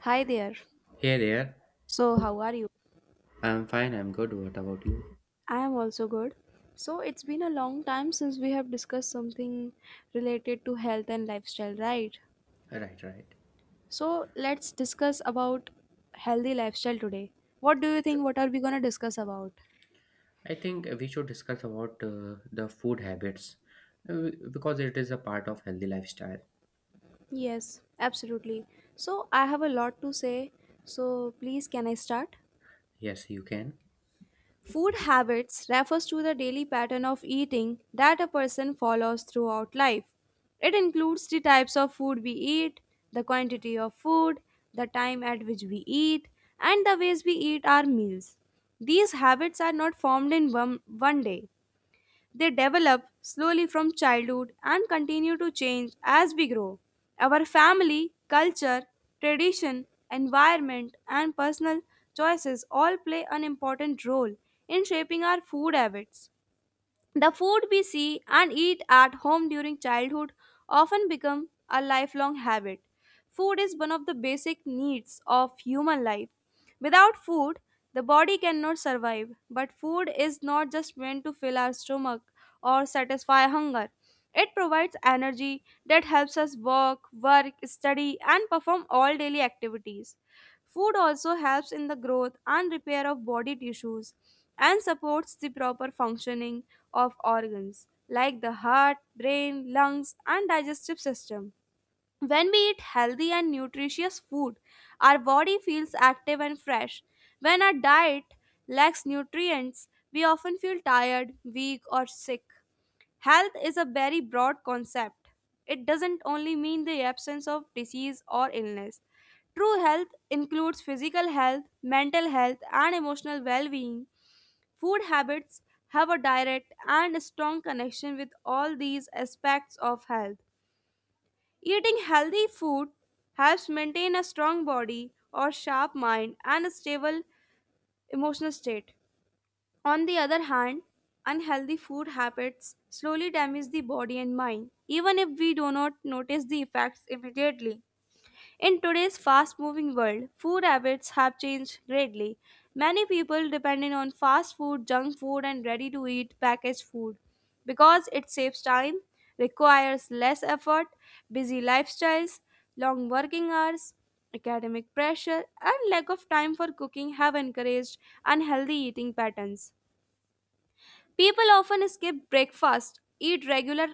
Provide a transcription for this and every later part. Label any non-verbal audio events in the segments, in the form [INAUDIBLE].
Hi there. Hey there. So, how are you? I'm fine. I'm good. What about you? I am also good. So, it's been a long time since we have discussed something related to health and lifestyle, right? Right, right. So, let's discuss about healthy lifestyle today. What do you think what are we going to discuss about? I think we should discuss about the food habits because it is a part of healthy lifestyle. Yes, absolutely. So, I have a lot to say. So, please can I start? Yes, you can. Food habits refers to the daily pattern of eating that a person follows throughout life. It includes the types of food we eat, the quantity of food, the time at which we eat, and the ways we eat our meals. These habits are not formed in one day. They develop slowly from childhood and continue to change as we grow. Our family, culture, tradition, environment, and personal choices all play an important role in shaping our food habits. The food we see and eat at home during childhood often become a lifelong habit. Food is one of the basic needs of human life. Without food, the body cannot survive. But food is not just meant to fill our stomach or satisfy hunger. It provides energy that helps us work, study, and perform all daily activities. Food also helps in the growth and repair of body tissues and supports the proper functioning of organs like the heart, brain, lungs, and digestive system. When we eat healthy and nutritious food, our body feels active and fresh. When our diet lacks nutrients, we often feel tired, weak, or sick. Health is a very broad concept. It doesn't only mean the absence of disease or illness. True health includes physical health, mental health, and emotional well being. Food habits have a direct and strong connection with all these aspects of health. Eating healthy food helps maintain a strong body or sharp mind and a stable emotional state. On the other hand, unhealthy food habits slowly damage the body and mind, even if we do not notice the effects immediately. In today's fast moving world, food habits have changed greatly. Many people depend on fast food, junk food, and ready to eat packaged food because it saves time, requires less effort, busy lifestyles, long working hours, academic pressure, and lack of time for cooking have encouraged unhealthy eating patterns. People often skip breakfast, eat regular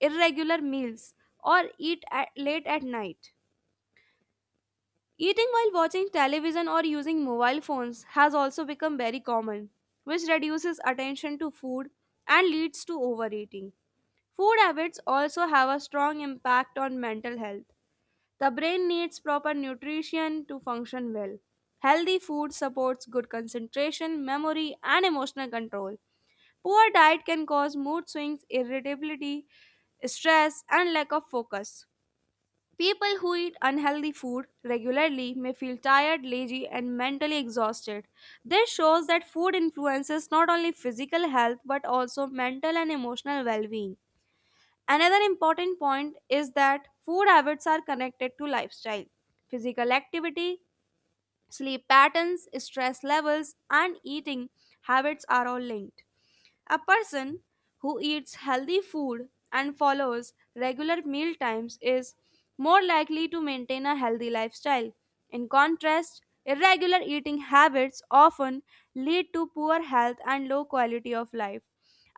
irregular meals, or eat late at night. Eating while watching television or using mobile phones has also become very common, which reduces attention to food and leads to overeating. Food habits also have a strong impact on mental health. The brain needs proper nutrition to function well. Healthy food supports good concentration, memory, and emotional control. Poor diet can cause mood swings, irritability, stress, and lack of focus. People who eat unhealthy food regularly may feel tired, lazy, and mentally exhausted. This shows that food influences not only physical health but also mental and emotional well being. Another important point is that food habits are connected to lifestyle. Physical activity, sleep patterns, stress levels, and eating habits are all linked. A person who eats healthy food and follows regular meal times is more likely to maintain a healthy lifestyle. In contrast, irregular eating habits often lead to poor health and low quality of life.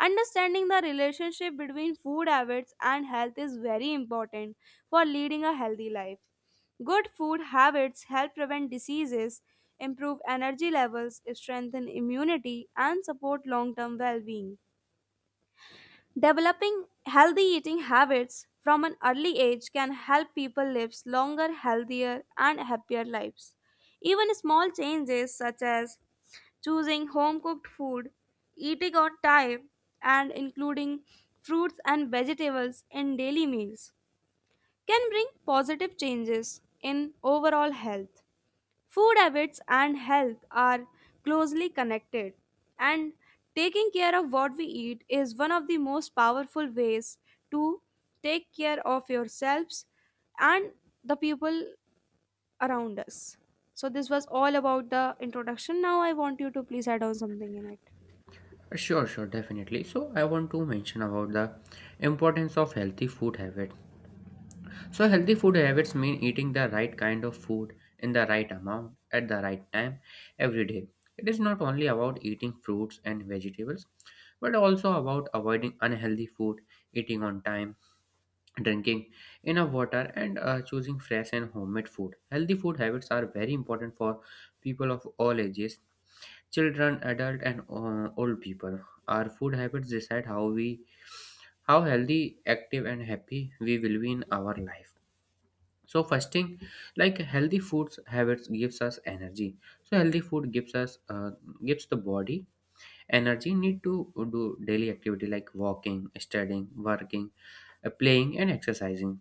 Understanding the relationship between food habits and health is very important for leading a healthy life. Good food habits help prevent diseases, improve energy levels, strengthen immunity, and support long term well being. Developing healthy eating habits from an early age can help people live longer, healthier, and happier lives. Even small changes such as choosing home cooked food, eating on time, and including fruits and vegetables in daily meals can bring positive changes in overall health. Food habits and health are closely connected, and taking care of what we eat is one of the most powerful ways to take care of yourselves and the people around us. So, this was all about the introduction. Now, I want you to please add on something in it. Sure, sure, definitely. So I want to mention about the importance of healthy food habits. So healthy food habits mean eating the right kind of food in the right amount at the right time every day. It is not only about eating fruits and vegetables, but also about avoiding unhealthy food, eating on time, drinking enough water, and choosing fresh and homemade food. Healthy food habits are very important for people of all ages, children, adult, and old people. Our food habits decide how we, how healthy, active, and happy we will be in our life. So fasting, like healthy foods habits gives us energy. So healthy food gives us gives the body energy need to do daily activity like walking, studying, working, playing, and exercising.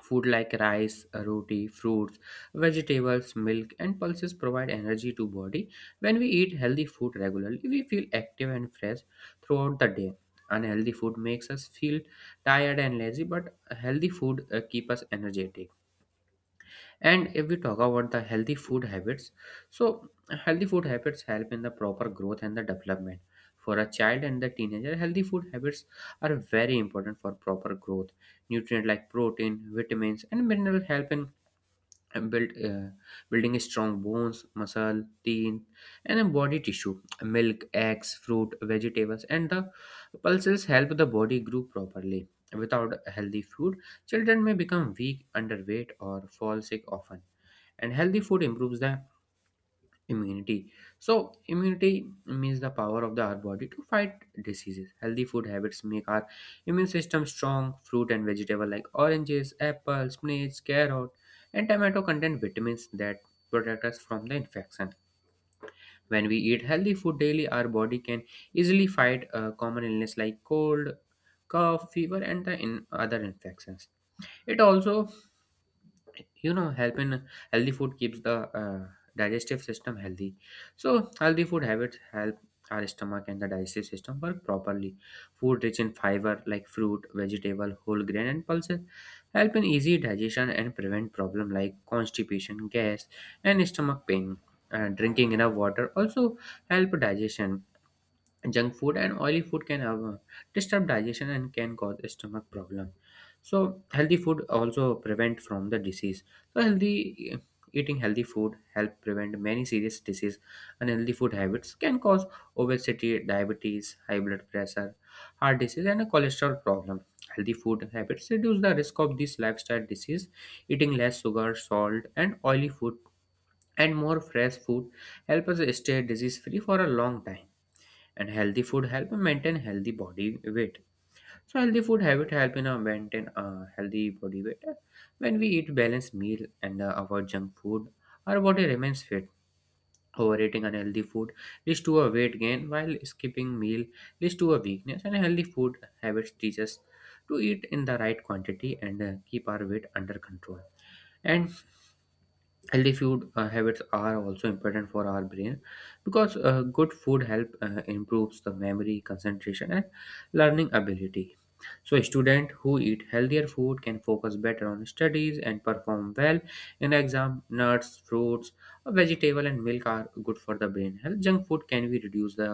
Food like rice, roti, fruits, vegetables, milk, and pulses provide energy to body. When we eat healthy food regularly, we feel active and fresh throughout the day. Unhealthy food makes us feel tired and lazy, but healthy food keep us energetic. And if we talk about the healthy food habits, so healthy food habits help in the proper growth and the development. For a child and the teenager, healthy food habits are very important for proper growth. Nutrient like protein, vitamins, and minerals help in uh, build uh, building strong bones, muscle, teeth, and then body tissue. Milk, eggs, fruit, vegetables, and the pulses help the body grow properly. Without healthy food, children may become weak, underweight, or fall sick often. And healthy food improves the immunity. So immunity means the power of our body to fight diseases. Healthy food habits make our immune system strong. Fruit and vegetable like oranges, apples, spinach, carrot, and tomato contain vitamins that protect us from the infection. When we eat healthy food daily, our body can easily fight common illness like cold, cough, fever, and the in other infections. It also, helping healthy food keeps the uh, digestive system healthy. So healthy food habits help our stomach and the digestive system work properly. Food rich in fiber like fruit, vegetable, whole grain, and pulses help in easy digestion and prevent problem like constipation, gas, and stomach pain. Drinking enough water also help digestion. Junk food and oily food can have disturb digestion and can cause stomach problem. So healthy food also prevent from the disease. So healthy, eating healthy food help prevent many serious disease. Unhealthy food habits can cause obesity, diabetes, high blood pressure, heart disease, and a cholesterol problem. Healthy food habits reduce the risk of these lifestyle disease. Eating less sugar, salt, and oily food, and more fresh food help us stay disease free for a long time. And healthy food help maintain healthy body weight. So healthy food habit help in maintain a healthy body weight. When we eat balanced meal and avoid junk food, our body remains fit. Overeating unhealthy food leads to a weight gain, while skipping meal leads to a weakness. And healthy food habits teach us to eat in the right quantity and keep our weight under control. And healthy food habits are also important for our brain, because good food help improves the memory, concentration, and learning ability. So a student who eat healthier food can focus better on studies and perform well in exam. Nuts, fruits, vegetable, and milk are good for the brain health. Junk food can be reduce the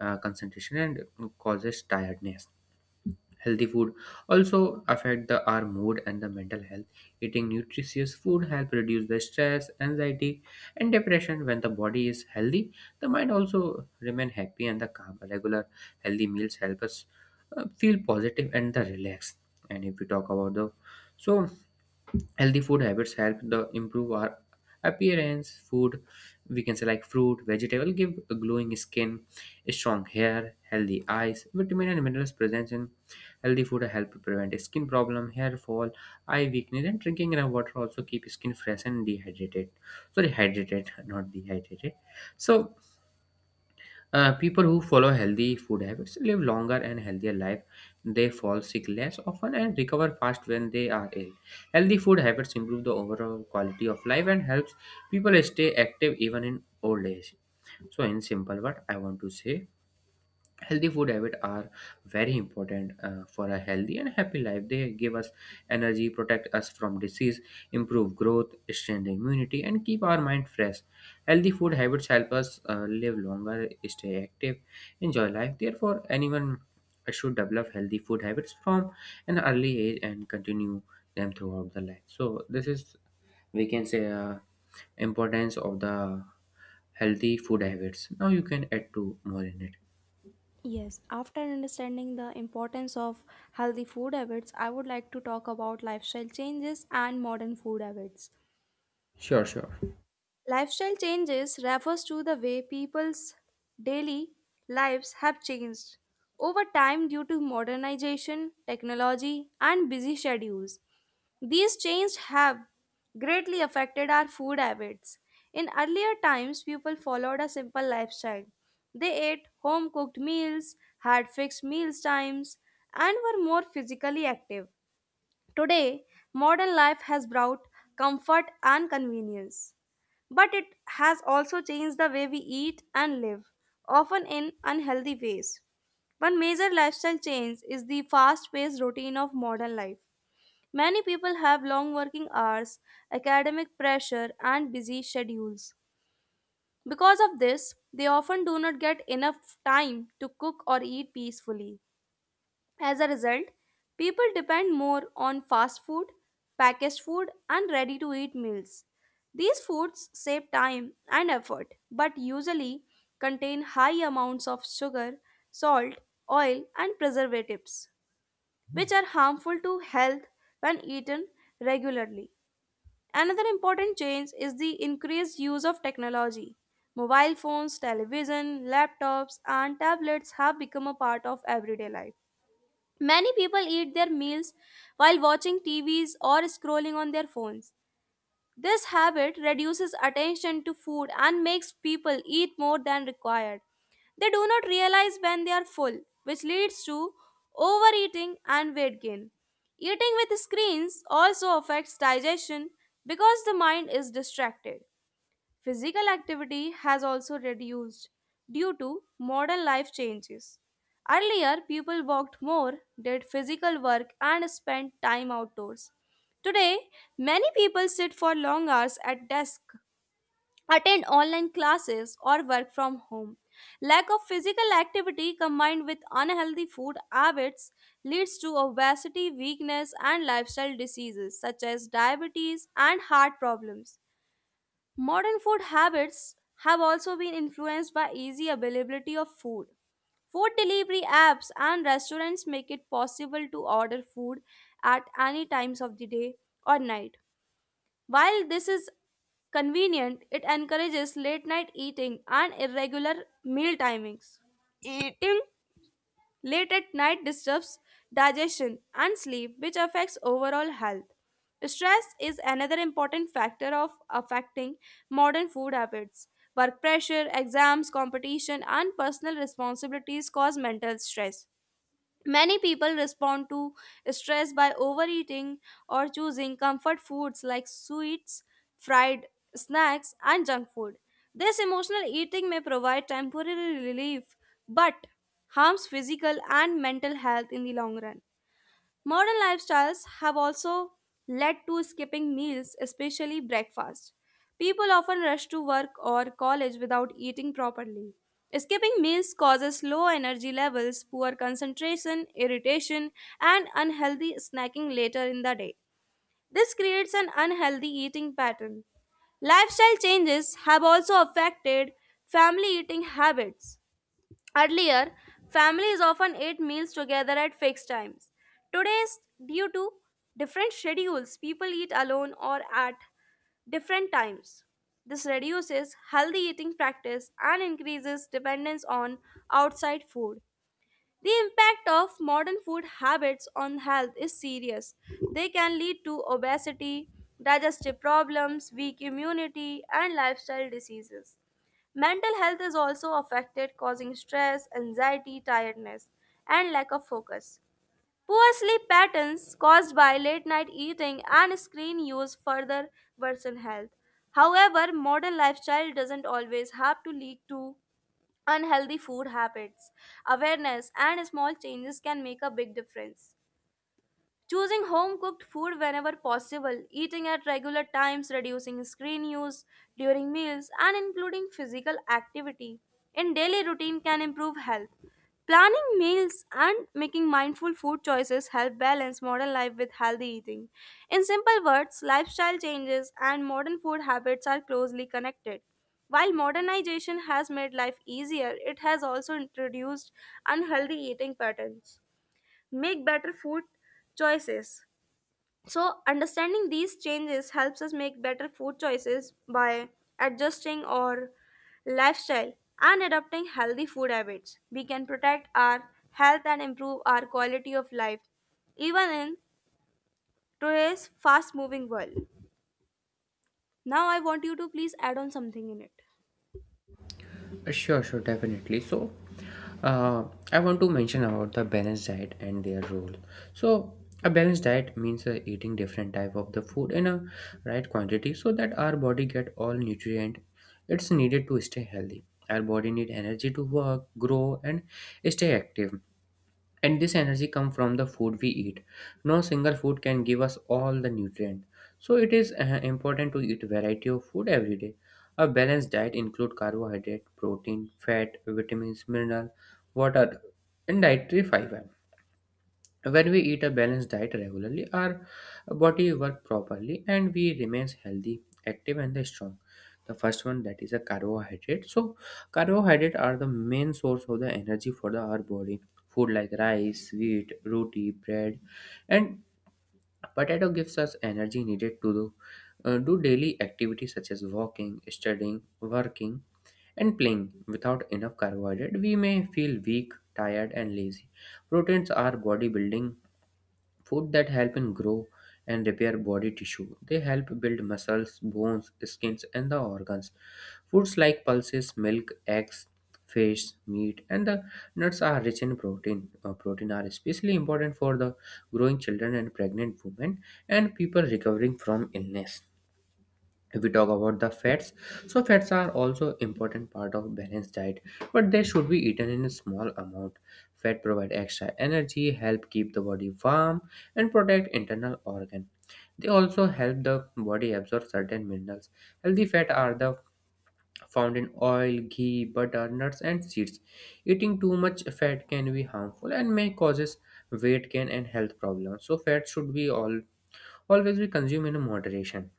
concentration and causes tiredness. Healthy food also affect our mood and the mental health. Eating nutritious food help reduce the stress, anxiety, and depression. When the body is healthy, the mind also remain happy and the calm. Regular healthy meals help us feel positive and the relaxed. And if we talk about the, so healthy food habits help the improve our appearance food, we can say like fruit, vegetable give a glowing skin, strong hair, healthy eyes. Vitamin and minerals present in healthy food help prevent skin problem, hair fall, eye weakness. And drinking enough water also keep skin fresh and dehydrated. Sorry, hydrated [LAUGHS] not dehydrated. So people who follow healthy food habits live longer and healthier life. They fall sick less often and recover fast when they are ill. Healthy food habits improve the overall quality of life and helps people stay active even in old age. So, in simple what I want to say, healthy food habits are very important for a healthy and happy life. They give us energy, protect us from disease, improve growth, strengthen immunity, and keep our mind fresh. Healthy food habits help us live longer, stay active, enjoy life. Therefore anyone should develop healthy food habits from an early age and continue them throughout the life. So this is, we can say, importance of the healthy food habits. Now you can add to more in it. Yes, after understanding the importance of healthy food habits, I would like to talk about lifestyle changes and modern food habits. Sure, sure. Lifestyle changes refers to the way people's daily lives have changed over time due to modernization, technology, and busy schedules. These changes have greatly affected our food habits. In earlier times, people followed a simple lifestyle. They ate home cooked meals, had fixed meal times, and were more physically active. Today, modern life has brought comfort and convenience. But it has also changed the way we eat and live, often in unhealthy ways. One major lifestyle change is the fast paced routine of modern life. Many people have long working hours, academic pressure, and busy schedules. Because of this, they often do not get enough time to cook or eat peacefully. As a result, people depend more on fast food, packaged food, and ready to eat meals. These foods save time and effort but usually contain high amounts of sugar, salt, oil, and preservatives, which are harmful to health when eaten regularly. Another important change is the increased use of technology. Mobile phones, television, laptops, and tablets have become a part of everyday life. Many people eat their meals while watching TVs or scrolling on their phones. This habit reduces attention to food and makes people eat more than required. They do not realize when they are full, which leads to overeating and weight gain. Eating with screens also affects digestion because the mind is distracted. Physical activity has also reduced due to modern life changes. Earlier, people walked more, did physical work, and spent time outdoors. Today, many people sit for long hours at desk, attend online classes, or work from home. Lack of physical activity combined with unhealthy food habits leads to obesity, weakness, and lifestyle diseases such as diabetes and heart problems. Modern food habits have also been influenced by easy availability of food. Food delivery apps and restaurants make it possible to order food at any times of the day or night. While this is convenient, it encourages late night eating and irregular meal timings. Eating late at night disturbs digestion and sleep, which affects overall health. Stress is another important factor of affecting modern food habits. Work pressure, exams, competition, and personal responsibilities cause mental stress. Many people respond to stress by overeating or choosing comfort foods like sweets, fried snacks, and junk food. This emotional eating may provide temporary relief but harms physical and mental health in the long run. Modern lifestyles have also led to skipping meals, especially breakfast. People often rush to work or college without eating properly. Skipping meals causes low energy levels, poor concentration, irritation, and unhealthy snacking later in the day. This creates an unhealthy eating pattern. Lifestyle changes have also affected family eating habits. Earlier, families often ate meals together at fixed times. Today, due to different schedules, people eat alone or at different times. This reduces healthy eating practice and increases dependence on outside food. The impact of modern food habits on health is serious. They can lead to obesity, digestive problems, weak immunity, and lifestyle diseases. Mental health is also affected, causing stress, anxiety, tiredness, and lack of focus. Poor sleep patterns caused by late night eating and screen use further worsen health. However, modern lifestyle doesn't always have to lead to unhealthy food habits. Awareness and small changes can make a big difference. Choosing home cooked food whenever possible, eating at regular times, reducing screen use during meals, and including physical activity in daily routine can improve health. Planning meals and making mindful food choices help balance modern life with healthy eating. In simple words, lifestyle changes and modern food habits are closely connected. While modernization has made life easier, it has also introduced unhealthy eating patterns make better food choices. So, understanding these changes helps us make better food choices by adjusting our lifestyle and adopting healthy food habits. We can protect our health and improve our quality of life, even in today's fast moving world. Now, I want you to please add on something in it. Sure, sure, definitely. So, uh, I want to mention about the balanced diet and their role. So, a balanced diet means eating different type of the food in a right quantity so that our body get all nutrient it's needed to stay healthy. Our body need energy to work, grow, and stay active, and this energy comes from the food we eat. No single food can give us all the nutrient, so it is important to eat variety of food every day. A balanced diet include carbohydrate, protein, fat, vitamins, mineral, water, and dietary fiber. When we eat a balanced diet regularly, our body work properly and we remains healthy, active, and the strong. The first one that is a carbohydrate. So carbohydrate are the main source of the energy for the our body. Food like rice, wheat, roti, bread, and potato gives us energy needed to do daily activities such as walking, studying, working, and playing. Without enough carbohydrate, we may feel weak, tired, and lazy. Proteins are bodybuilding food that help in grow and repair body tissue. They help build muscles, bones, skins, and the organs. Foods like pulses, milk, eggs, fish, meat, and the nuts are rich in protein. Protein are especially important for the growing children and pregnant women and people recovering from illness. If we talk about the fats, so fats are also important part of balanced diet, but they should be eaten in a small amount. Fat provide extra energy, help keep the body warm, and protect internal organ. They also help the body absorb certain minerals. Healthy fat are the found in oil, ghee, butter, nuts, and seeds. Eating too much fat can be harmful and may causes weight gain and health problems. So fat should be all always be consumed in moderation.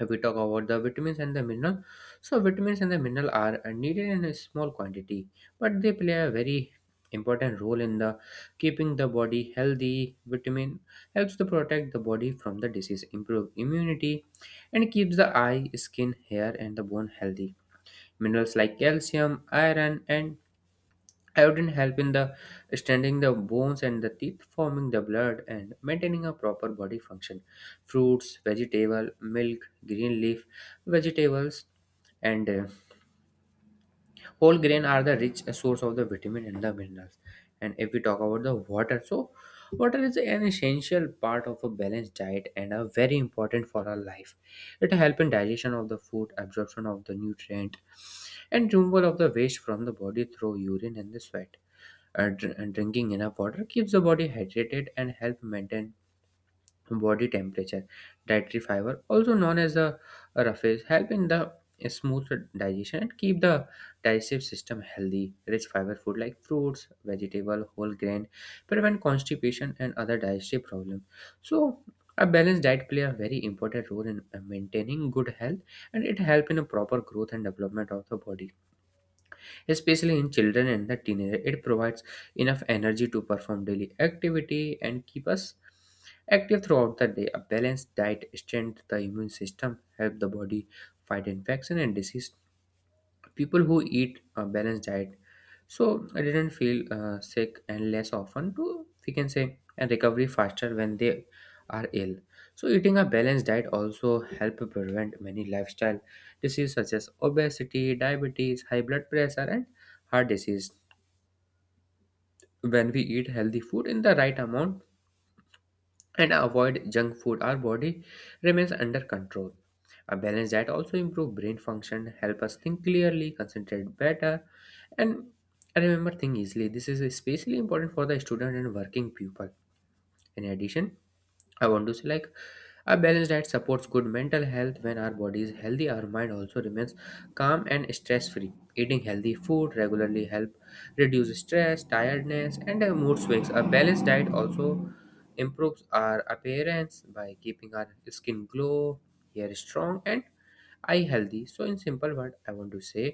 If we talk about the vitamins and the mineral, so vitamins and the mineral are needed in a small quantity, but they play a very important role in the keeping the body healthy. Vitamin helps to protect the body from the disease, improve immunity, and keeps the eye, skin, hair, and the bone healthy. Minerals like calcium, iron, and iodine help in the strengthening the bones and the teeth, forming the blood, and maintaining a proper body function. Fruits, vegetable, milk, green leaf vegetables, and whole grain are the rich source of the vitamin and the minerals. And if we talk about the water, so water is an essential part of a balanced diet and are very important for our life. It help in digestion of the food, absorption of the nutrient, and removal of the waste from the body through urine and the sweat. And drinking enough water keeps the body hydrated and help maintain body temperature. Dietary fiber, also known as the roughage, help in the smooth digestion and keep the digestive system healthy. Rich fiber food like fruits, vegetable, whole grain prevent constipation and other digestive problems. So a balanced diet play a very important role in maintaining good health, and it help in a proper growth and development of the body, especially in children and the teenager. It provides enough energy to perform daily activity and keep us active throughout the day. A balanced diet strengthens the immune system, help the body fight infection and disease, people who eat a balanced diet so I didn't feel sick and less often to, we can say, and recovery faster when they are ill. So eating a balanced diet also help prevent many lifestyle diseases such as obesity, diabetes, high blood pressure and heart disease. When we eat healthy food in the right amount and avoid junk food, our body remains under control. A balance diet also improve brain function, help us think clearly, concentrate better and remember things easily. This is especially important for the student and working people. In addition, I want to say like a balanced diet supports good mental health. When our body is healthy, our mind also remains calm and stress free. Eating healthy food regularly help reduce stress, tiredness and mood swings. A balanced diet also improves our appearance by keeping our skin glow, hair strong and eye healthy. So in simple word, I want to say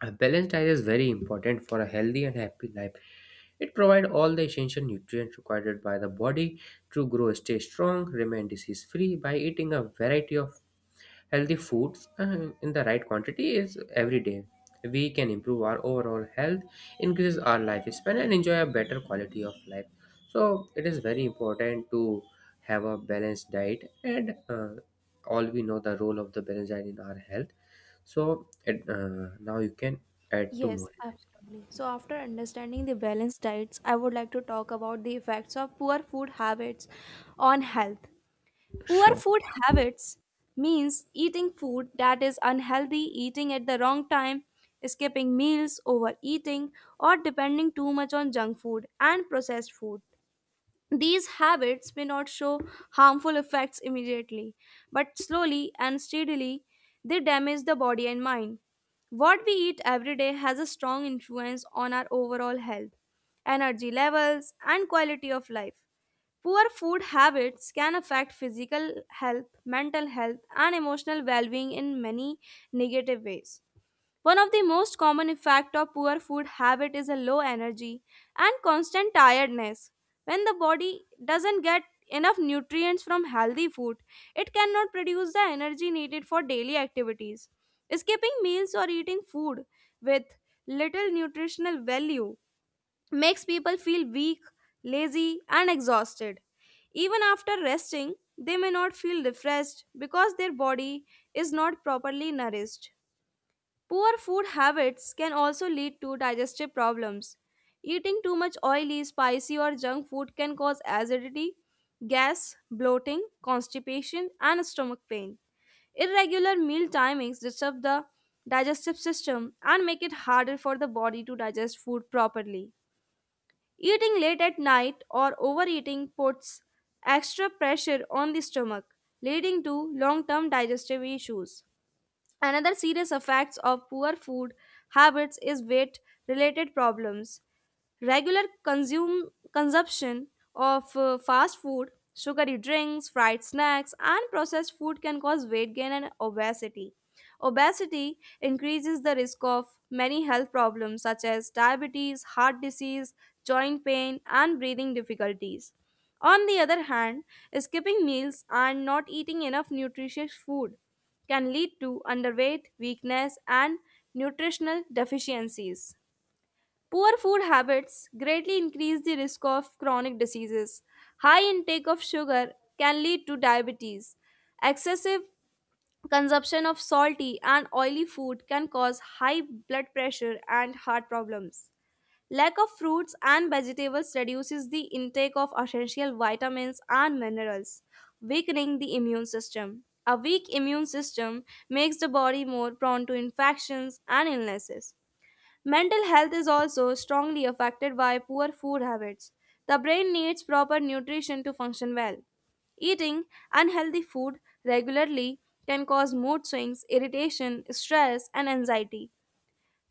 a balanced diet is very important for a healthy and happy life. It provides all the essential nutrients required by the body to grow, stay strong, remain disease free by eating a variety of healthy foods in the right quantity is every day. We can improve our overall health, increase our lifespan, and enjoy a better quality of life. So it is very important to have a balanced diet, and all we know the role of the balanced diet in our health. So now you can add to Yes, more in absolutely. So, after understanding the balanced diets, I would like to talk about the effects of poor food habits on health. it. Poor Sure. food habits means eating food that is unhealthy, eating at the wrong time, skipping meals, overeating, or depending too much on junk food and processed food. These habits may not show harmful effects immediately, but slowly and steadily they damage the body and mind. What we eat every day has a strong influence on our overall health, energy levels, and quality of life. Poor food habits can affect physical health, mental health, and emotional well-being in many negative ways. One of the most common effects of poor food habit is a low energy and constant tiredness. When the body doesn't get enough nutrients from healthy food, it cannot produce the energy needed for daily activities. Skipping meals or eating food with little nutritional value makes people feel weak, lazy, and exhausted. Even after resting, they may not feel refreshed because their body is not properly nourished. Poor food habits can also lead to digestive problems. Eating too much oily, spicy, or junk food can cause acidity, gas, bloating, constipation, and stomach pain. Irregular meal timings disturb the digestive system and make it harder for the body to digest food properly. Eating late at night or overeating puts extra pressure on the stomach, leading to long term digestive issues. Another serious effects of poor food habits is weight related problems. Regular consume consumption of fast food, sugary drinks, fried snacks, and processed food can cause weight gain and obesity. Obesity increases the risk of many health problems such as diabetes, heart disease, joint pain, and breathing difficulties. On the other hand, skipping meals and not eating enough nutritious food can lead to underweight, weakness, and nutritional deficiencies. Poor food habits greatly increase the risk of chronic diseases. High intake of sugar can lead to diabetes. Excessive consumption of salty and oily food can cause high blood pressure and heart problems. Lack of fruits and vegetables reduces the intake of essential vitamins and minerals, weakening the immune system. A weak immune system makes the body more prone to infections and illnesses. Mental health is also strongly affected by poor food habits. The brain needs proper nutrition to function well. Eating unhealthy food regularly can cause mood swings, irritation, stress, and anxiety.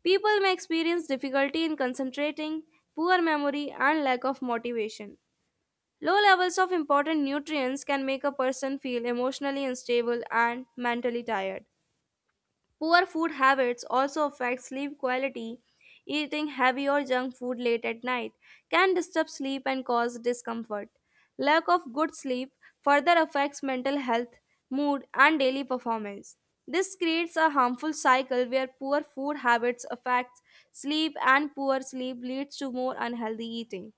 People may experience difficulty in concentrating, poor memory, and lack of motivation. Low levels of important nutrients can make a person feel emotionally unstable and mentally tired. Poor food habits also affect sleep quality. Eating heavy or junk food late at night can disturb sleep and cause discomfort. Lack of good sleep further affects mental health, mood, and daily performance. This creates a harmful cycle where poor food habits affect sleep and poor sleep leads to more unhealthy eating.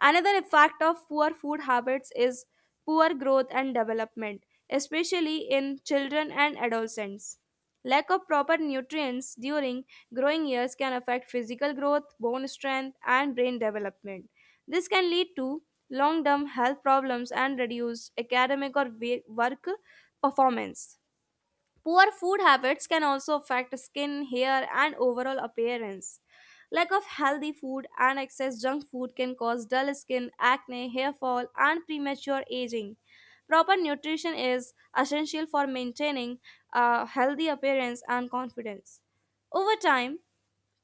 Another effect of poor food habits is poor growth and development, especially in children and adolescents. Lack of proper nutrients during growing years can affect physical growth, bone strength, and brain development. This can lead to long term health problems and reduced academic or work performance. Poor food habits can also affect skin, hair, and overall appearance. Lack of healthy food and excess junk food can cause dull skin, acne, hair fall, and premature aging. Proper nutrition is essential for maintaining a healthy appearance and confidence. Over time,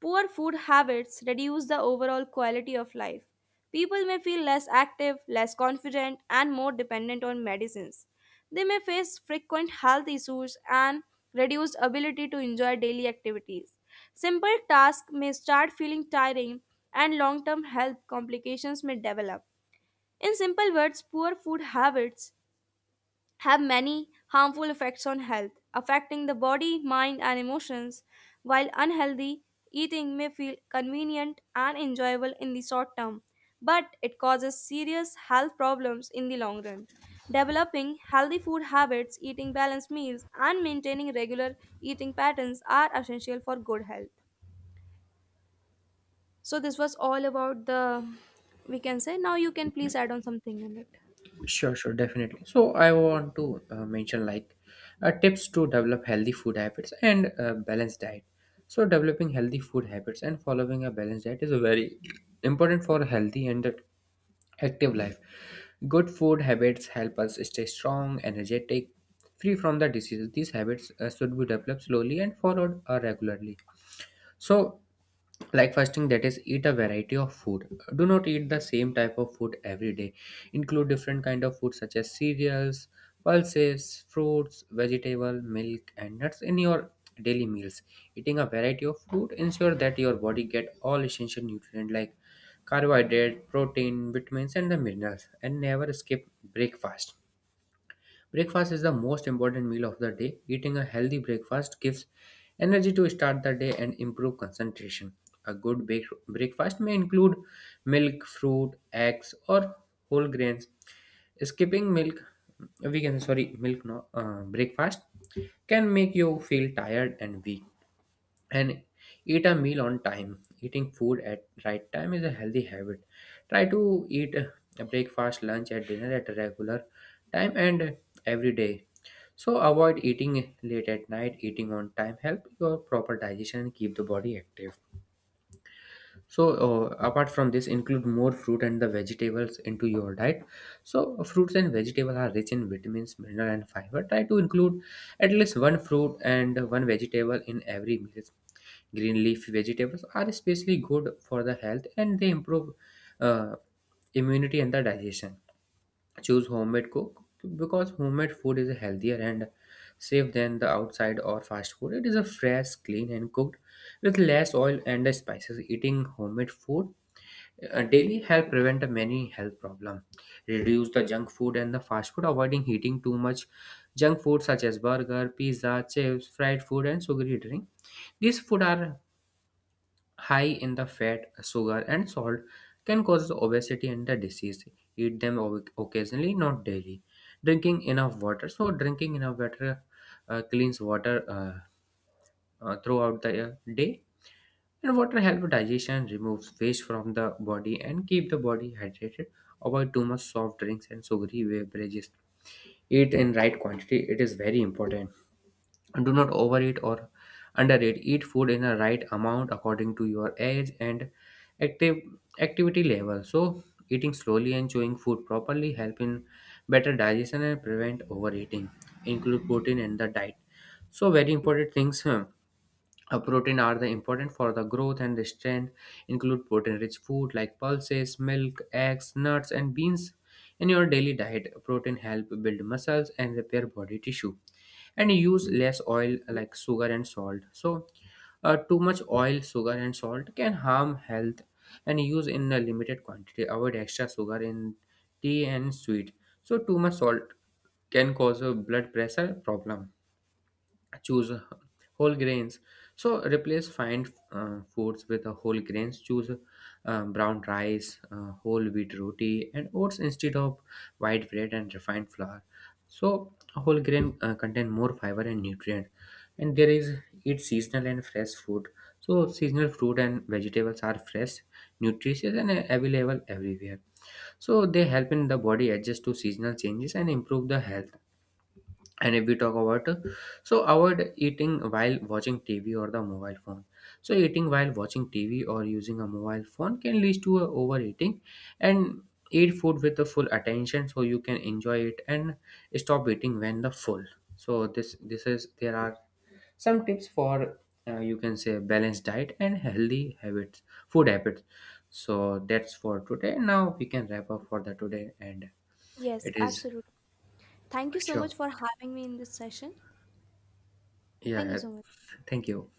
poor food habits reduce the overall quality of life. People may feel less active, less confident, and more dependent on medicines. They may face frequent health issues and reduced ability to enjoy daily activities. Simple tasks may start feeling tiring, and long term health complications may develop. In simple words, poor food habits have many harmful effects on health, affecting the body, mind, and emotions. While unhealthy, eating may feel convenient and enjoyable in the short term, but it causes serious health problems in the long run. Developing healthy food habits, eating balanced meals, and maintaining regular eating patterns are essential for good health. So, this was all about the we can say. Now, you can please add on something in it. Sure, sure, definitely. So I want to mention like tips to develop healthy food habits and balanced diet. So developing healthy food habits and following a balanced diet is very important for a healthy and active life. Good food habits help us stay strong, energetic, free from the diseases. These habits should be developed slowly and followed regularly. So like fasting, that is eat a variety of food, do not eat the same type of food every day. Include different kind of food such as cereals, pulses, fruits, vegetable, milk and nuts in your daily meals. Eating a variety of food ensure that your body get all essential nutrients like carbohydrate, protein, vitamins and the minerals. And never skip breakfast. Breakfast is the most important meal of the day. Eating a healthy breakfast gives energy to start the day and improve concentration. A good breakfast may include milk, fruit, eggs, or whole grains. Skipping milk, we can sorry, milk no breakfast can make you feel tired and weak. And eat a meal on time. Eating food at right time is a healthy habit. Try to eat a breakfast, lunch and dinner at a regular time and every day. So avoid eating late at night. Eating on time help your proper digestion and keep the body active. So apart from this, include more fruit and the vegetables into your diet. So fruits and vegetables are rich in vitamins, mineral and fiber. Try to include at least one fruit and one vegetable in every meal. Green leafy vegetables are especially good for the health and they improve uh, immunity and the digestion. Choose homemade cook, because homemade food is healthier and safe than the outside or fast food. It is a fresh, clean and cooked with less oil and spices. Eating homemade food daily help prevent many health problems. Reduce the junk food and the fast food, avoiding eating too much junk food such as burger, pizza, chips, fried food and sugary drink. These food are high in the fat, sugar, and salt, can cause obesity and the disease. Eat them occasionally, not daily. Drinking enough water. So, drinking enough water, cleans water throughout the day. And water helps digestion, removes waste from the body, and keep the body hydrated. Avoid too much soft drinks and sugary beverages. Eat in right quantity. It is very important. Do not overeat or undereat. Eat food in the right amount according to your age and active activity level. So eating slowly and chewing food properly help in better digestion and prevent overeating. Include protein in the diet. So very important things, protein are the important for the growth and the strength. Include protein rich food like pulses, milk, eggs, nuts and beans in your daily diet. Protein help build muscles and repair body tissue. And use less oil like sugar and salt. So too much oil, sugar and salt can harm health and use in a limited quantity. Avoid extra sugar in tea and sweet. So too much salt can cause a blood pressure problem. Choose whole grains. So replace fine foods with whole grains. Choose brown rice, whole wheat roti and oats instead of white bread and refined flour. So whole grain contain more fiber and nutrient. And there is, eat seasonal and fresh food. So seasonal fruit and vegetables are fresh, nutritious and available everywhere. So they help in the body adjust to seasonal changes and improve the health. And if we talk about so avoid eating while watching TV or the mobile phone. So eating while watching TV or using a mobile phone can lead to a overeating. And eat food with the full attention, so you can enjoy it and stop eating when the full. So this is, there are some tips for you can say balanced diet and healthy habits, food habits. So that's for today. Now we can wrap up for the today. And Yes, it is, absolutely. Thank you so much sure, for having me in this session. Thank you yeah, so much. thank you.